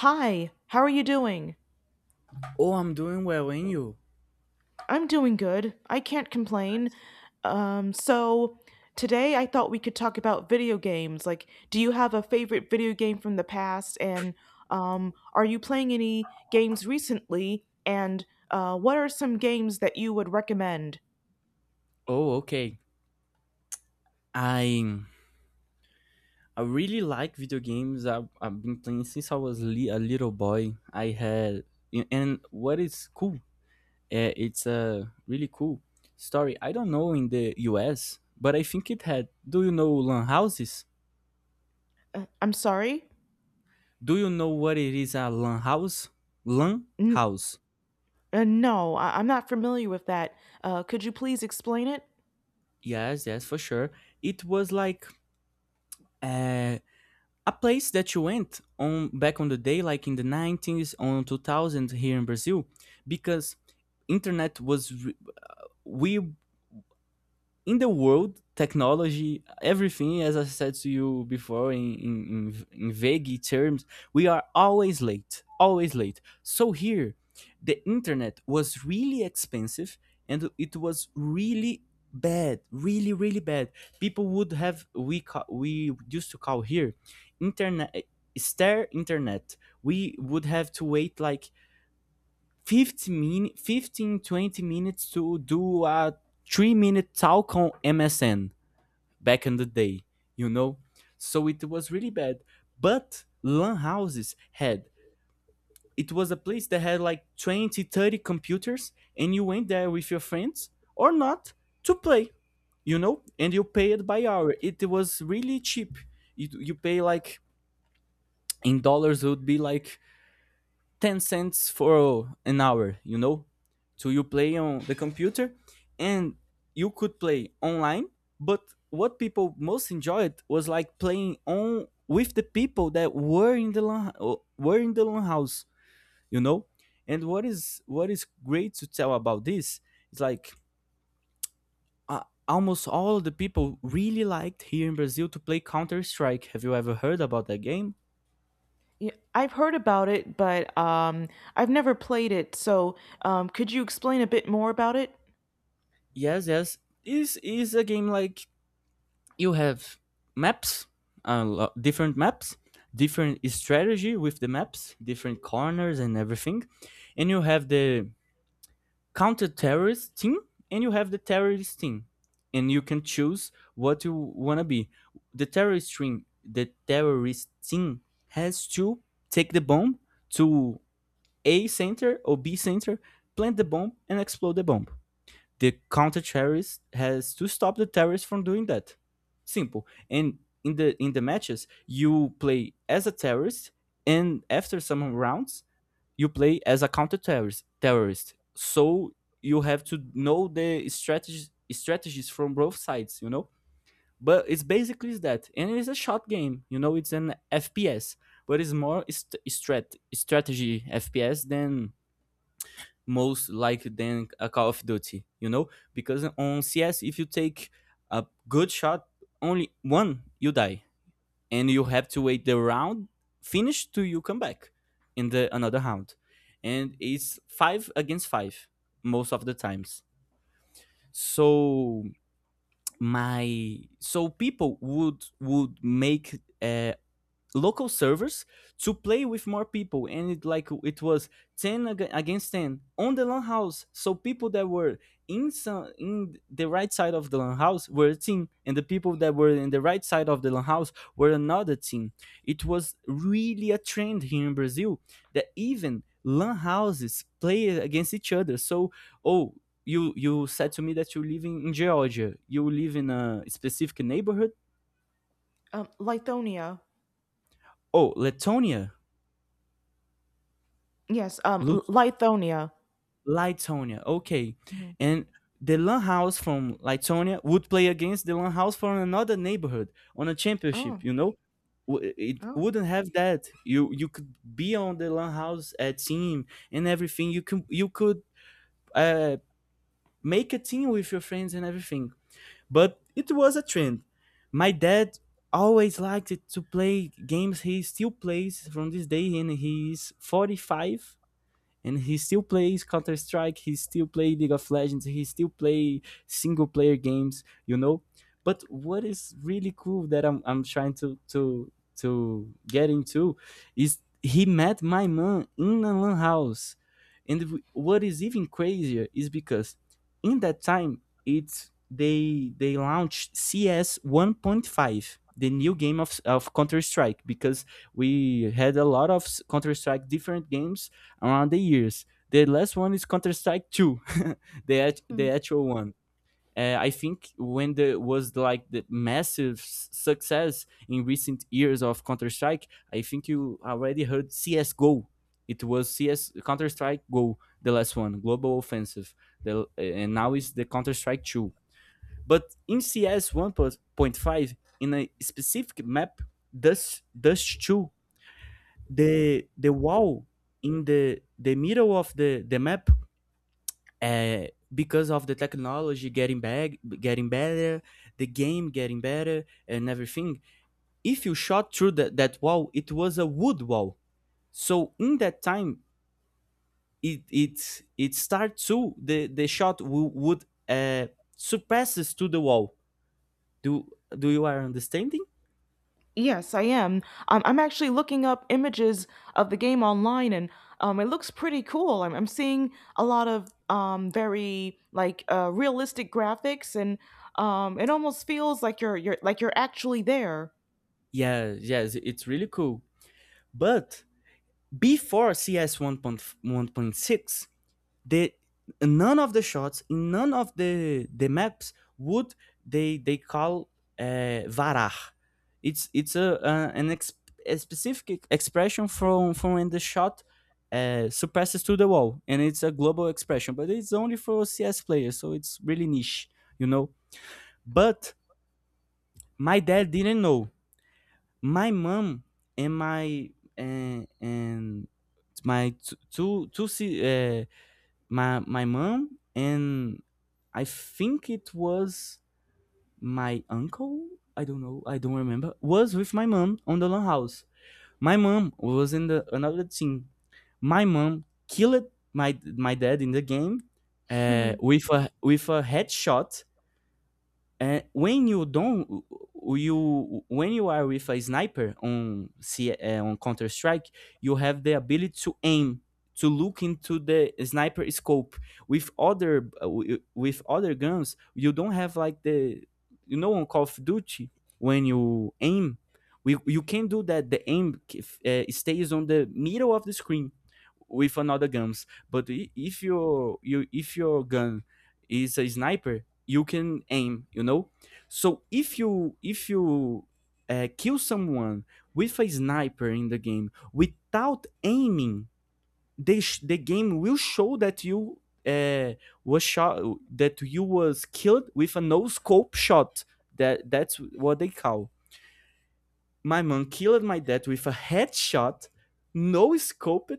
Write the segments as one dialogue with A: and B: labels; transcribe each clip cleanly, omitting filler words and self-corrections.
A: Hi, how are you doing?
B: Oh, I'm doing well, and you?
A: I'm doing good. I can't complain. So today I thought we could talk about video games. Like, do you have a favorite video game from the past? And are you playing any games recently? And what are some games that you would recommend?
B: Oh, okay. I I really like video games. I've been playing since I was a little boy. I had and what is cool? It's a really cool story. I don't know in the U.S., but I think it had. Do you know lan houses?
A: I'm sorry?
B: Do you know what it is a lan house? Lan
A: N-
B: house.
A: no, I'm not familiar with that. Could you please explain it?
B: Yes, yes, for sure. It was like uh, a place that you went on back on the day like in the 90s on 2000 here in Brazil because internet was we in the world, technology, everything, as I said to you before in, vague terms, we are always late, always late. So here, the internet was really expensive and it was really bad, really, really bad. People would have, we used to call here, internet, stair internet. We would have to wait like 15 minutes to do a 3 minute talk on MSN back in the day, you know? So it was really bad. But LAN houses had, it was a place that had like 20, 30 computers, and you went there with your friends or not to play, you know? And you paid by hour. It was really cheap. You pay like in dollars, it would be like 10¢ for an hour, you know? So you play on the computer and you could play online, but what people most enjoyed was like playing on with the people that were in the lan, were in the lan house, you know? And what is great to tell about this is like almost all the people really liked here in Brazil to play Counter Strike. Have you ever heard about that game?
A: Yeah, I've heard about it, but I've never played it. So, could you explain a bit more about it?
B: Yes, yes. Is a game like you have maps, uh, different maps, different strategy with the maps, different corners and everything, and you have the counter-terrorist team and you have the terrorist team, and you can choose what you wanna be. The terrorist team has to take the bomb to A center or B center, plant the bomb and explode the bomb the counter terrorist has to stop the terrorist from doing that. Simple. And in the matches, you play as a terrorist, and after some rounds, you play as a counter terrorist. Terrorist. So you have to know the strategies from both sides. You know. But it's basically that, and it's a shot game. You know, it's an FPS, but it's more strategy FPS than most like than a Call of Duty, you know? Because on CS, if you take a good shot, only one, you die. And you have to wait the round finish till you come back in the another round. And it's five against five most of the times. So my so people would make local servers to play with more people and it like it was 10 against 10 on the lan house so people that were in the right side of the lan house were a team and the people that were in the right side of the lan house were another team. It was really a trend here in Brazil that even lan houses play against each other. So oh, you said to me that you live in Georgia, you live in a specific neighborhood.
A: Lithonia.
B: Oh, Letonia.
A: Yes,
B: Lut-
A: Lithonia.
B: Litonia. Okay.
A: Mhm.
B: And the Lan House from Litonia would play against the Lan House from another neighborhood on a championship,
A: Oh,
B: you know? It
A: oh.
B: wouldn't have that. You could be on the Lan House team and everything. You could uh, make a team with your friends and everything. But it was a trend. My dad always liked it to play games. He still plays from this day and he's 45 and he still plays Counter Strike. He still plays League of Legends. He still plays single player games. You know. But what is really cool that I'm trying to get into is he met my mom in a lan house, and what is even crazier is because in that time it's they launched CS 1.5, the new game of counter strike, because we had a lot of counter strike different games around the years. The last one is Counter Strike Two, the actual one. I think when there was like the massive success in recent years of Counter Strike, I think you already heard CS:GO. It was CS Counter Strike Go, the last one, Global Offensive. And now is the Counter Strike Two. But in CS 1.5, in a specific map, Dust Two, the wall in the middle of the map, uh, because of the technology getting better, the game getting better and everything, if you shot through that wall, it was a wood wall. So in that time it starts to the shot would surpasses to the wall. Do do you are understanding?
A: Yes, I am. I'm actually looking up images of the game online, and it looks pretty cool. I'm seeing a lot of very like realistic graphics, and it almost feels like you're like you're actually there.
B: Yeah, yes, it's really cool. But before CS 1.1.6, they none of the shots in none of the maps would they call varach. It's a, an a specific expression from when the shot suppresses to the wall, and it's a global expression but it's only for CS players, so it's really niche, you know. But my dad didn't know my mom. And my and, my two my mom and I think it was my uncle. I don't know. I don't remember. Was with my mom on the lan house. My mom was in the another team. My mom killed my dad in the game with a headshot. And when you don't, you when you are with a sniper on on Counter Strike, you have the ability to aim, to look into the sniper scope. With other with other guns, you don't have like the, you know, on Call of Duty when you aim, you can do that. The aim stays on the middle of the screen with another guns. But if your you if your gun is a sniper, you can aim, you know. So if you kill someone with a sniper in the game without aiming, they the game will show that you uh, was shot, that you was killed with a no scope shot. That's what they call. My mom killed my dad with a headshot, no scoped,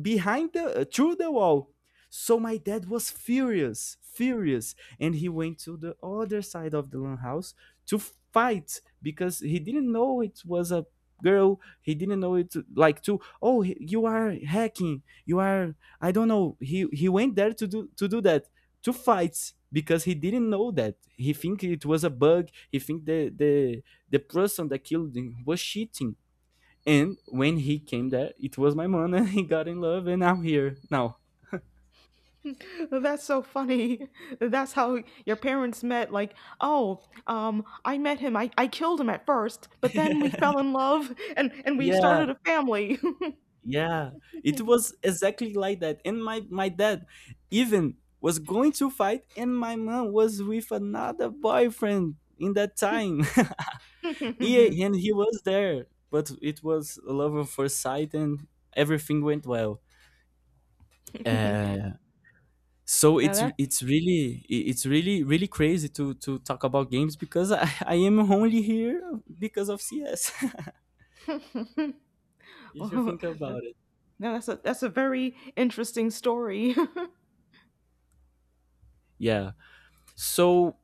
B: behind the through the wall. So my dad was furious, furious, and he went to the other side of the lan house to fight because he didn't know it was a girl. He didn't know it like to, oh, you are hacking, you are, I don't know. He went there to do that, to fight because he didn't know that. He think it was a bug. He think the person that killed him was cheating. And when he came there, it was my mom, and he got in love, and I'm here now.
A: That's so funny. That's how your parents met. Like, oh, I met him. I killed him at first, but then we fell in love and we
B: Yeah,
A: started a family.
B: yeah. It was exactly like that. And my dad even was going to fight, and my mom was with another boyfriend in that time. Yeah, and he was there, but it was a love at first sight, and everything went well. Uh, so
A: Now
B: it's
A: that
B: it's really it's really really crazy to talk about games because I, I am only here because of CS. You should
A: well,
B: think about it.
A: now that's a very interesting story.
B: Yeah. So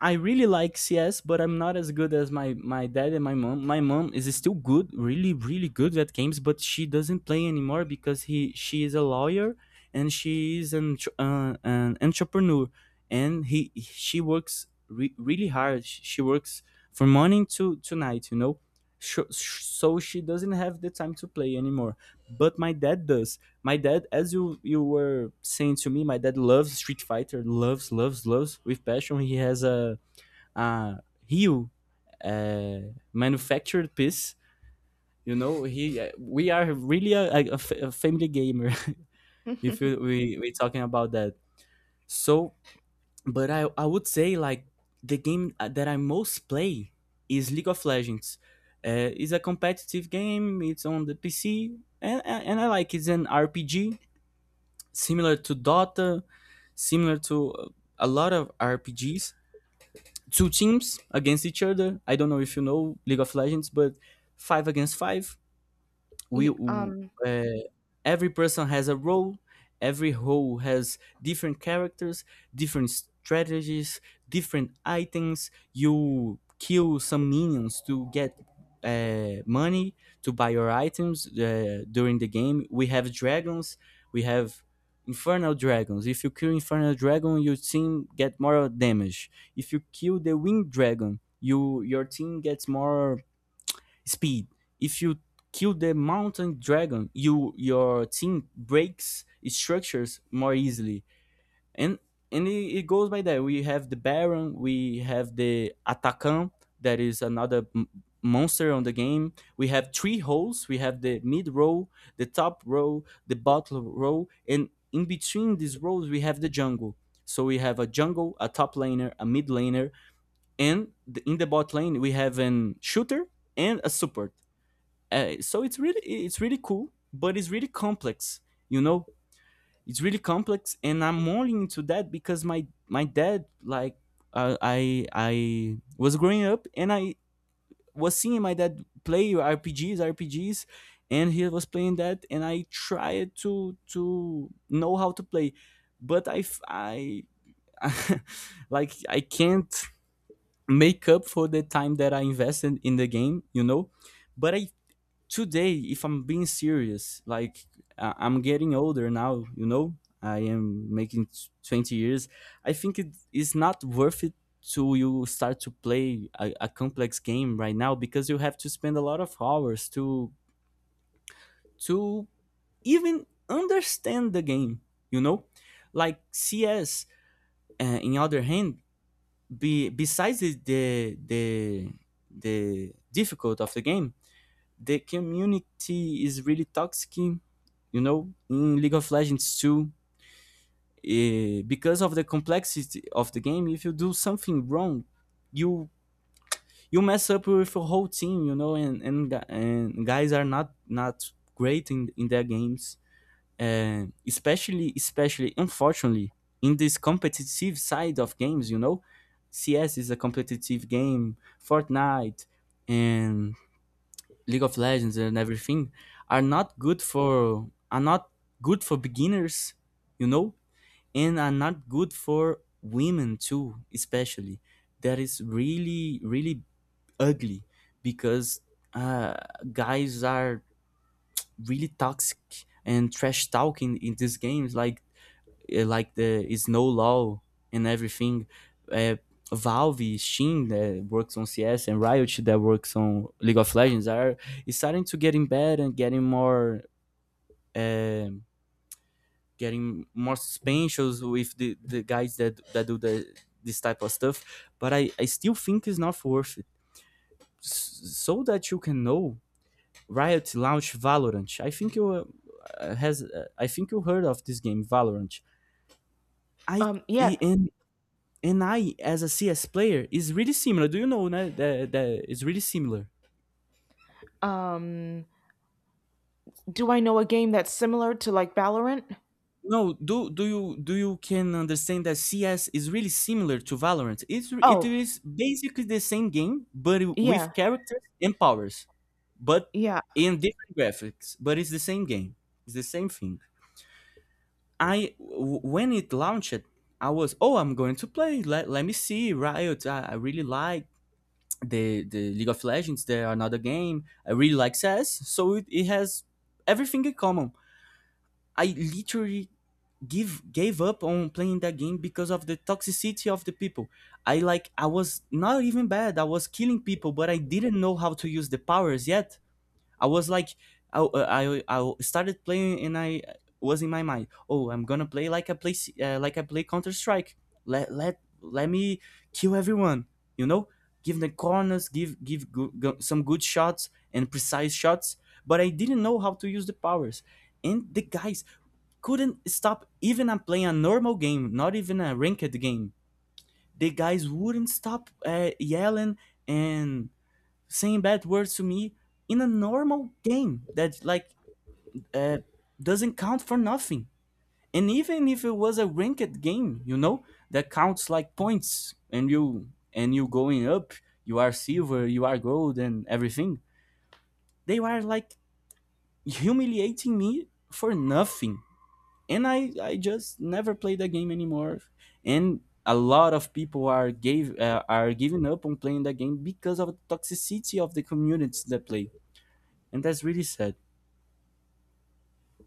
B: I really like CS, but I'm not as good as my dad and my mom. My mom is still good, really really good at games, but she doesn't play anymore because he she is a lawyer and she is an entrepreneur, and he she works really hard. She works from morning to night, you know. So she doesn't have the time to play anymore, but my dad does. My dad, as you were saying to me, my dad loves Street Fighter, loves with passion. He has a a heel manufactured piece. You know, he we are really a family gamer. If you, we talking about that. So, but I would say like the game that I most play is League of Legends. It's a competitive game. It's on the PC, and I like it's an RPG similar to Dota, similar to a lot of RPGs. Two teams against each other. I don't know if you know League of Legends, but five against five, we
A: Y-
B: w-
A: um
B: uh, every person has a role, every role has different characters, different strategies, different items. You kill some minions to get money to buy your items. During the game we have dragons, we have infernal dragons. If you kill infernal dragon, your team get more damage. If you kill the winged dragon, you your team gets more speed. If you kill the mountain dragon, you your team breaks structures more easily. And it goes by that. We have the Baron, we have the Atacan, that is another monster on the game. We have three rows. We have the mid row, the top row, the bottom row, and in between these rows we have the jungle. So we have a jungle, a top laner, a mid laner, and in the bot lane we have an shooter and a support. So it's really cool, but it's really complex, you know. It's really complex, and I'm only into that because my dad like I was growing up and I was seeing my dad play RPGs RPGs, and he was playing that, and I tried to know how to play, but I like I can't make up for the time that I invested in the game, you know. But I today, if I'm being serious, like I'm getting older now, you know. I am making 20 years, I think it is not worth it to you start to play a complex game right now, because you have to spend a lot of hours to to even understand the game, you know, like CS. In other hand, be besides the difficult of the game, the community is really toxic, you know, in League of Legends 2. Because of the complexity of the game, if you do something wrong, you you mess up with your whole team, you know, and guys are not not great in their games, and especially unfortunately in this competitive side of games, you know. CS is a competitive game, Fortnite, and League of Legends and everything are not good for, are not good for beginners, you know, and are not good for women too, especially. That is really really ugly, because uh, guys are really toxic and trash talking in these games. Like like the is no law and everything. Uh, Valve, Steam that works on CS and Riot that works on League of Legends are is starting to get in bed and getting more. um Getting more suspensions with the guys that do the this type of stuff. But I still think it's not worth it. So that you can know, Riot launched Valorant. I think you has I think you heard of this game, Valorant. I
A: yeah.
B: And I as a CS player, is really similar. Do you know that that is really similar?
A: Um, do I know a game that's similar to like Valorant?
B: No, do you can understand that CS is really similar to Valorant? It's it
A: Oh,
B: is basically the same game, but
A: yeah.
B: with characters and powers, but
A: Yeah.
B: in different graphics. But it's the same game. It's the same thing. When it launched, I was oh I'm going to play. Let me see Riot. I really like the League of Legends, there are another game. I really like CS, so it has everything in common. I literally give gave up on playing that game because of the toxicity of the people. I like I was not even bad. I was killing people, but I didn't know how to use the powers yet. I was like, I started playing and I was in my mind, oh, I'm gonna play like I play like I play Counter Strike. Let me kill everyone. You know, give the corners, give go, go, some good shots and precise shots. But I didn't know how to use the powers, and the guys couldn't stop even I'm playing a normal game, not even a ranked game. The guys wouldn't stop yelling and saying bad words to me in a normal game that like uh, doesn't count for nothing. And even if it was a ranked game, you know, that counts like points, and you going up, you are silver, you are gold, and everything. They were like humiliating me for nothing, and I just never played the game anymore. And a lot of people are giving up on playing the game because of the toxicity of the communities that play, and that's really sad.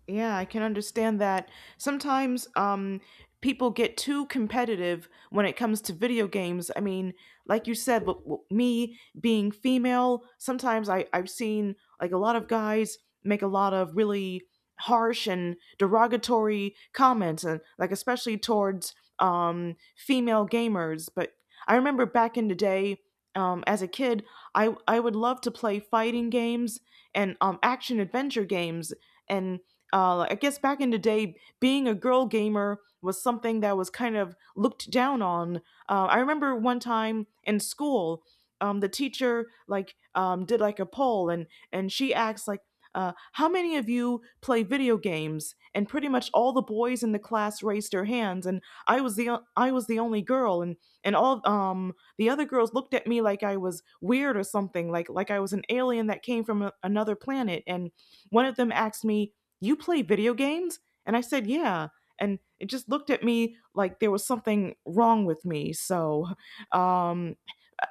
A: Yeah, I can understand that. Sometimes people get too competitive when it comes to video games. I mean, like you said, me being female, sometimes I've seen like a lot of guys make a lot of really harsh and derogatory comments, and like especially towards female gamers. But I remember back in the day, as a kid, I would love to play fighting games and action adventure games and I guess back in the day, being a girl gamer was something that was kind of looked down on. I remember one time in school, the teacher like did like a poll, and she asked like, "How many of you play video games?" And pretty much all the boys in the class raised their hands, and I was the I was the only girl, and all the other girls looked at me like I was weird or something, like I was an alien that came from a, another planet, and one of them asked me, you play video games? And I said, yeah. And it just looked at me like there was something wrong with me. So um,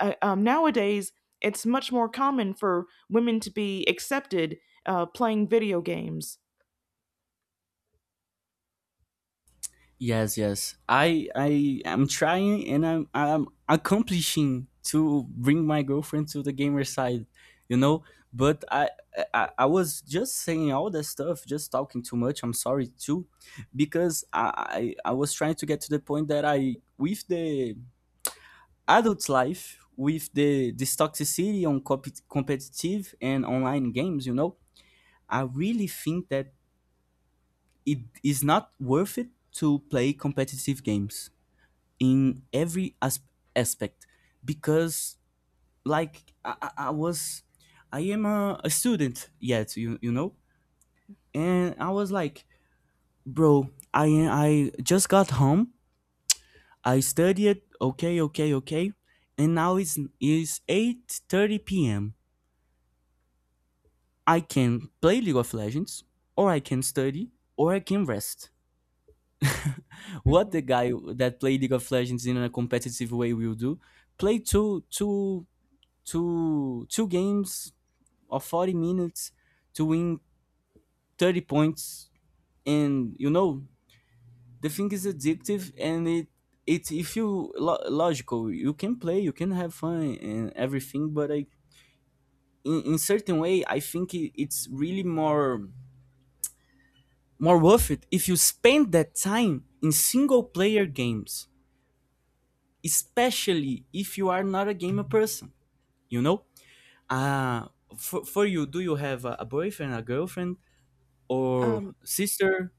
A: nowadays, it's much more common for women to be accepted playing video games.
B: Yes, yes. I am trying and I'm accomplishing to bring my girlfriend to the gamer side, you know. But I was just saying all that stuff, just talking too much. I'm sorry too, because I was trying to get to the point that I with the adult life, with the this toxicity on competitive and online games, you know, I really think that it is not worth it to play competitive games in every aspect, because like I was I am a student yet you you know. And I was like bro I just got home, I studied, okay okay okay, and now it's is 8:30 p.m. I can play League of Legends, or I can study, or I can rest. What
A: Hmm.
B: the guy that play League of Legends in a competitive way will do, play two games of 40 minutes to win 30 points. And you know, the thing is addictive, and it if you logical you can play, you can have fun and everything. But I in certain way I think it's really more worth it if you spend that time in single player games, especially if you are not a gamer person, you know. uh for you, do you have a boyfriend, a girlfriend, or
A: Um,
B: sister,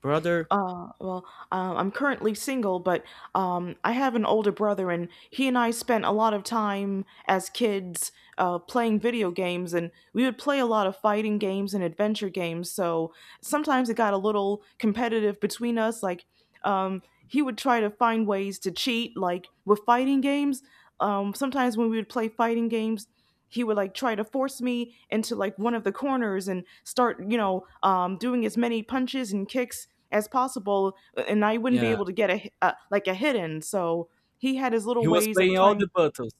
B: brother?
A: uh, well, I'm currently single, but I have an older brother, and he and I spent a lot of time as kids playing video games, and we would play a lot of fighting games and adventure games. So sometimes it got a little competitive between us. Like, um, he would try to find ways to cheat, like with fighting games. Sometimes when we would play fighting games, he would like try to force me into like one of the corners and start, you know, doing as many punches and kicks as possible and I wouldn't be
B: Yeah,
A: able to get a like a hidden. So he had his little
B: he was
A: ways of
B: playing all
A: trying.
B: the buttons.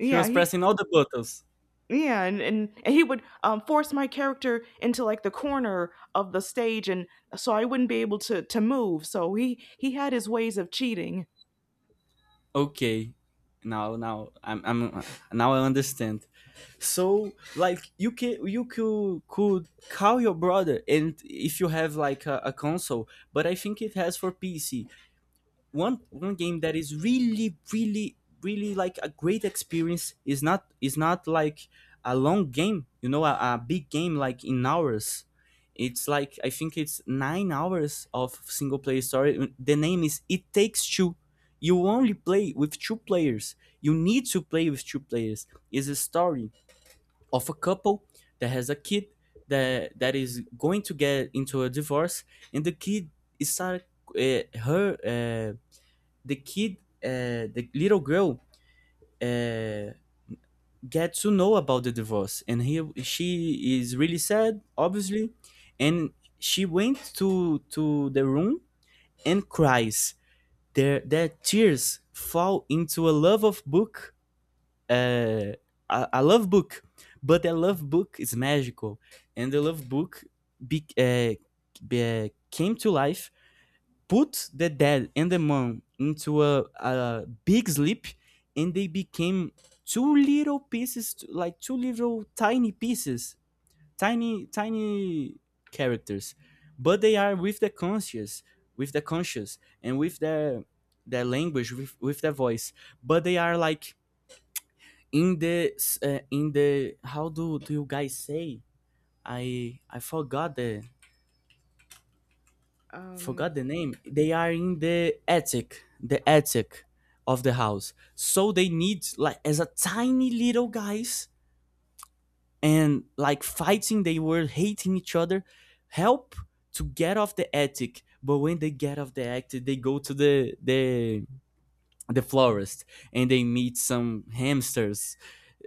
B: He was
A: he
B: pressing all the buttons.
A: yeah, and he would force my character into like the corner of the stage, and so I wouldn't be able to move. So he had his ways of cheating.
B: Okay, now now I'm I'm now I understand. So like you can you could call your brother, and if you have like a console, but I think it has for PC. One game that is really really really like a great experience, is not like a long game, you know, a big game like in hours. It's like I think it's 9 hours of single player story. The name is It Takes Two. You only play with two players, you need to play with two players. Is a story of a couple that has a kid that is going to get into a divorce, and the kid is start uh, her uh, the kid, the little girl, uh, gets to know about the divorce, and he she is really sad, obviously, and she went to the room and cries. Their tears fall into a love of book, uh, a love book, but the love book is magical, and the love book be, uh, came to life, put the dad and the mom into a big sleep, and they became two little pieces like two little tiny pieces, tiny tiny characters, but they are with the conscious, with the conscious and with their language with their voice. But they are like in the, how do you guys say, I
A: Um,
B: forgot the name, they are in the attic, the attic of the house. So they need, like as a tiny little guys and like fighting, they were hating each other, help to get off the attic. But when they get off the attic, they go to the florist, and they meet some hamsters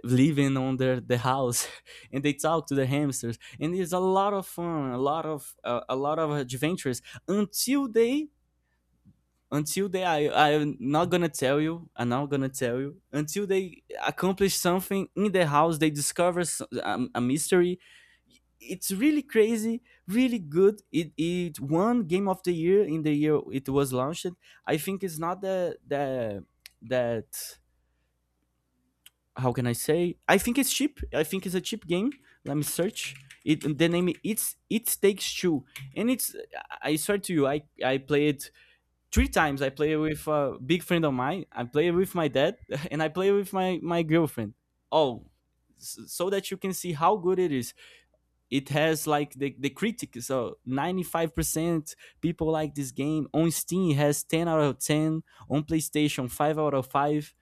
B: living on their the house. And they talk to the hamsters, and it's a lot of fun, a lot of adventures, until they I'm not gonna tell you, until they accomplish something in the house, they discover a mystery. It's really crazy, really good. It won game of the year in the year it was launched. I think it's not the the that how can I say, I think it's cheap, I think it's a cheap game. Let me search it, the name, it's It Takes Two. And it's, I swear to you, I played three times. I play with a big friend of mine, I play with my dad, and I play with my girlfriend. Oh, so that you can see how good it is. It has like the critics, so 95% people like this game. On Steam, it has 10 out of 10. On PlayStation, 5 out of 5,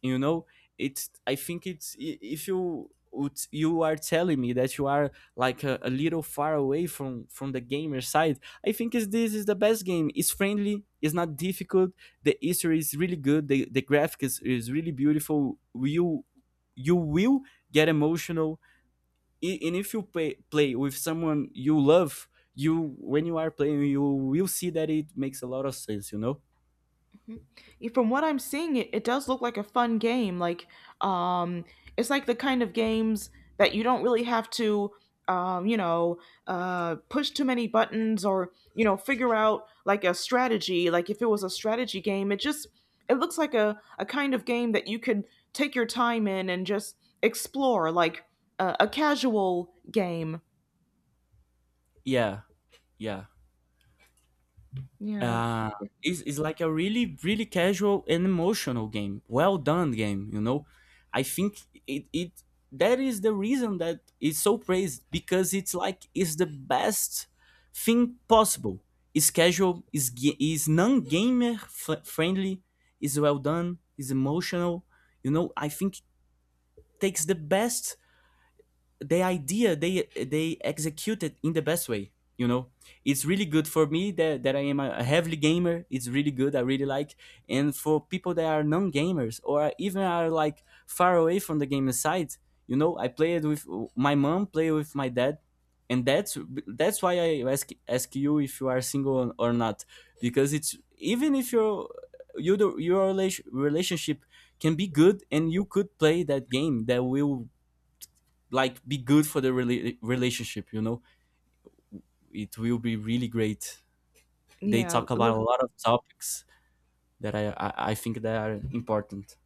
B: you know. It's I think it's if you are telling me that you are like a little far away from the gamer side, I think is this is the best game. It's friendly, it's not difficult, the history is really good, the graphic is really beautiful. You will get emotional, and if play with someone you love, you when you are playing, you will see that it makes a lot of sense, you know.
A: Mhm. Yeah, from what I'm seeing, it does look like a fun game. Like, um, it's like the kind of games that you don't really have to, you know, push too many buttons or you know, figure out like a strategy. Like if it was a strategy game, it just it looks like a kind of game that you could take your time in and just explore, like a casual game.
B: Yeah, yeah.
A: Yeah,
B: uh, it's like a really really casual and emotional game, well done game, you know. I think it that is the reason that it's so praised, because it's like it's the best thing possible. It's casual, is non-gamer friendly, is well done, is emotional, you know. I think it takes the best, the idea they executed in the best way, you know. It's really good for me, that I am a heavily gamer, it's really good, I really like. And for people that are non-gamers, or even are like far away from the gaming side, you know, I played with my mom, play with my dad. And that's why I ask ask you if you are single or not, because it's even if you your relationship can be good, and you could play that game that will like be good for the relationship, you know. It will be really great. They
A: yeah.
B: talk about a lot of topics I think that are important.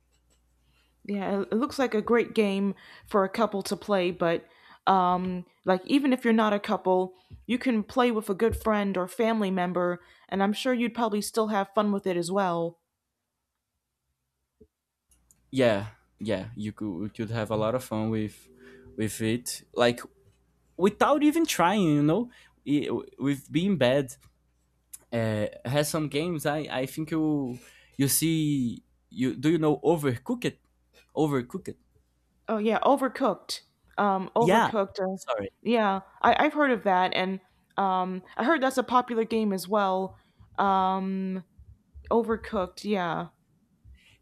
A: Yeah, it looks like a great game for a couple to play, but like even if you're not a couple, you can play with a good friend or family member, and I'm sure you'd probably still have fun with it as well.
B: Yeah, yeah, you could have a lot of fun with it, like without even trying, you know. I- with being bad, has some games, I think you you see, you, do you know Overcooked? Overcooked.
A: Oh yeah, Overcooked. Um,
B: Yeah,
A: Overcooked.
B: sorry.
A: Yeah, I I've heard of that and I heard that's a popular game as well. Um, Overcooked, yeah.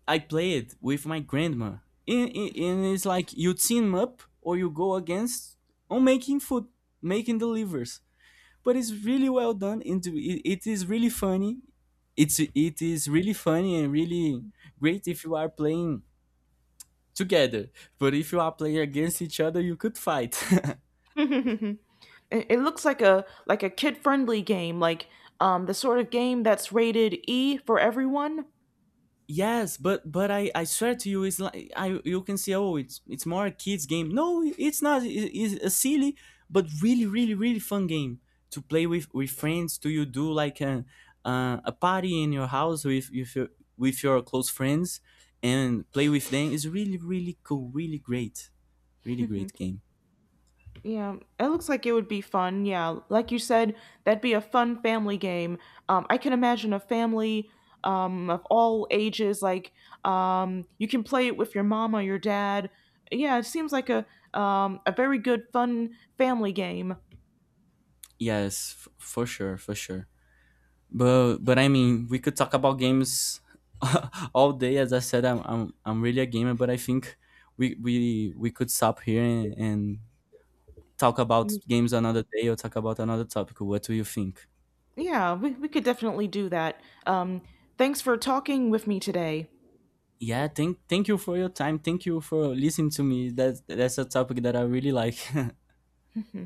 B: I played with my grandma, and it's like you team up or you go against on making food, making delivers. But it's really well done, and it is really funny. It's it is really funny and really great if you are playing together. But if you are playing against each other, you could fight.
A: it, it looks like a kid friendly game, like the sort of game that's rated E for everyone.
B: Yes, but I swear to you, it's like I you can see oh it's more a kids game. No, it- it's not. It- It's a silly but really really really fun game to play with friends. Do you do like a party in your house with your close friends, and play with them? It's really really cool, really great, really
A: Mhm.
B: great game.
A: Yeah, it looks like it would be fun. Yeah, like you said, that'd be a fun family game. I can imagine a family of all ages. Like, you can play it with your mom or your dad. Yeah, it seems like a very good, fun family game.
B: Yes, for sure, for sure. But I mean, we could talk about games all day. As I said, I'm really a gamer, but I think we could stop here and talk about
A: Mm,
B: games another day or talk about another topic. What do you think?
A: yeah, we could definitely do that. Um, thanks for talking with me today.
B: Yeah, thank you for your time. Thank you for listening to me. That's a topic that I really like.
A: Mhm.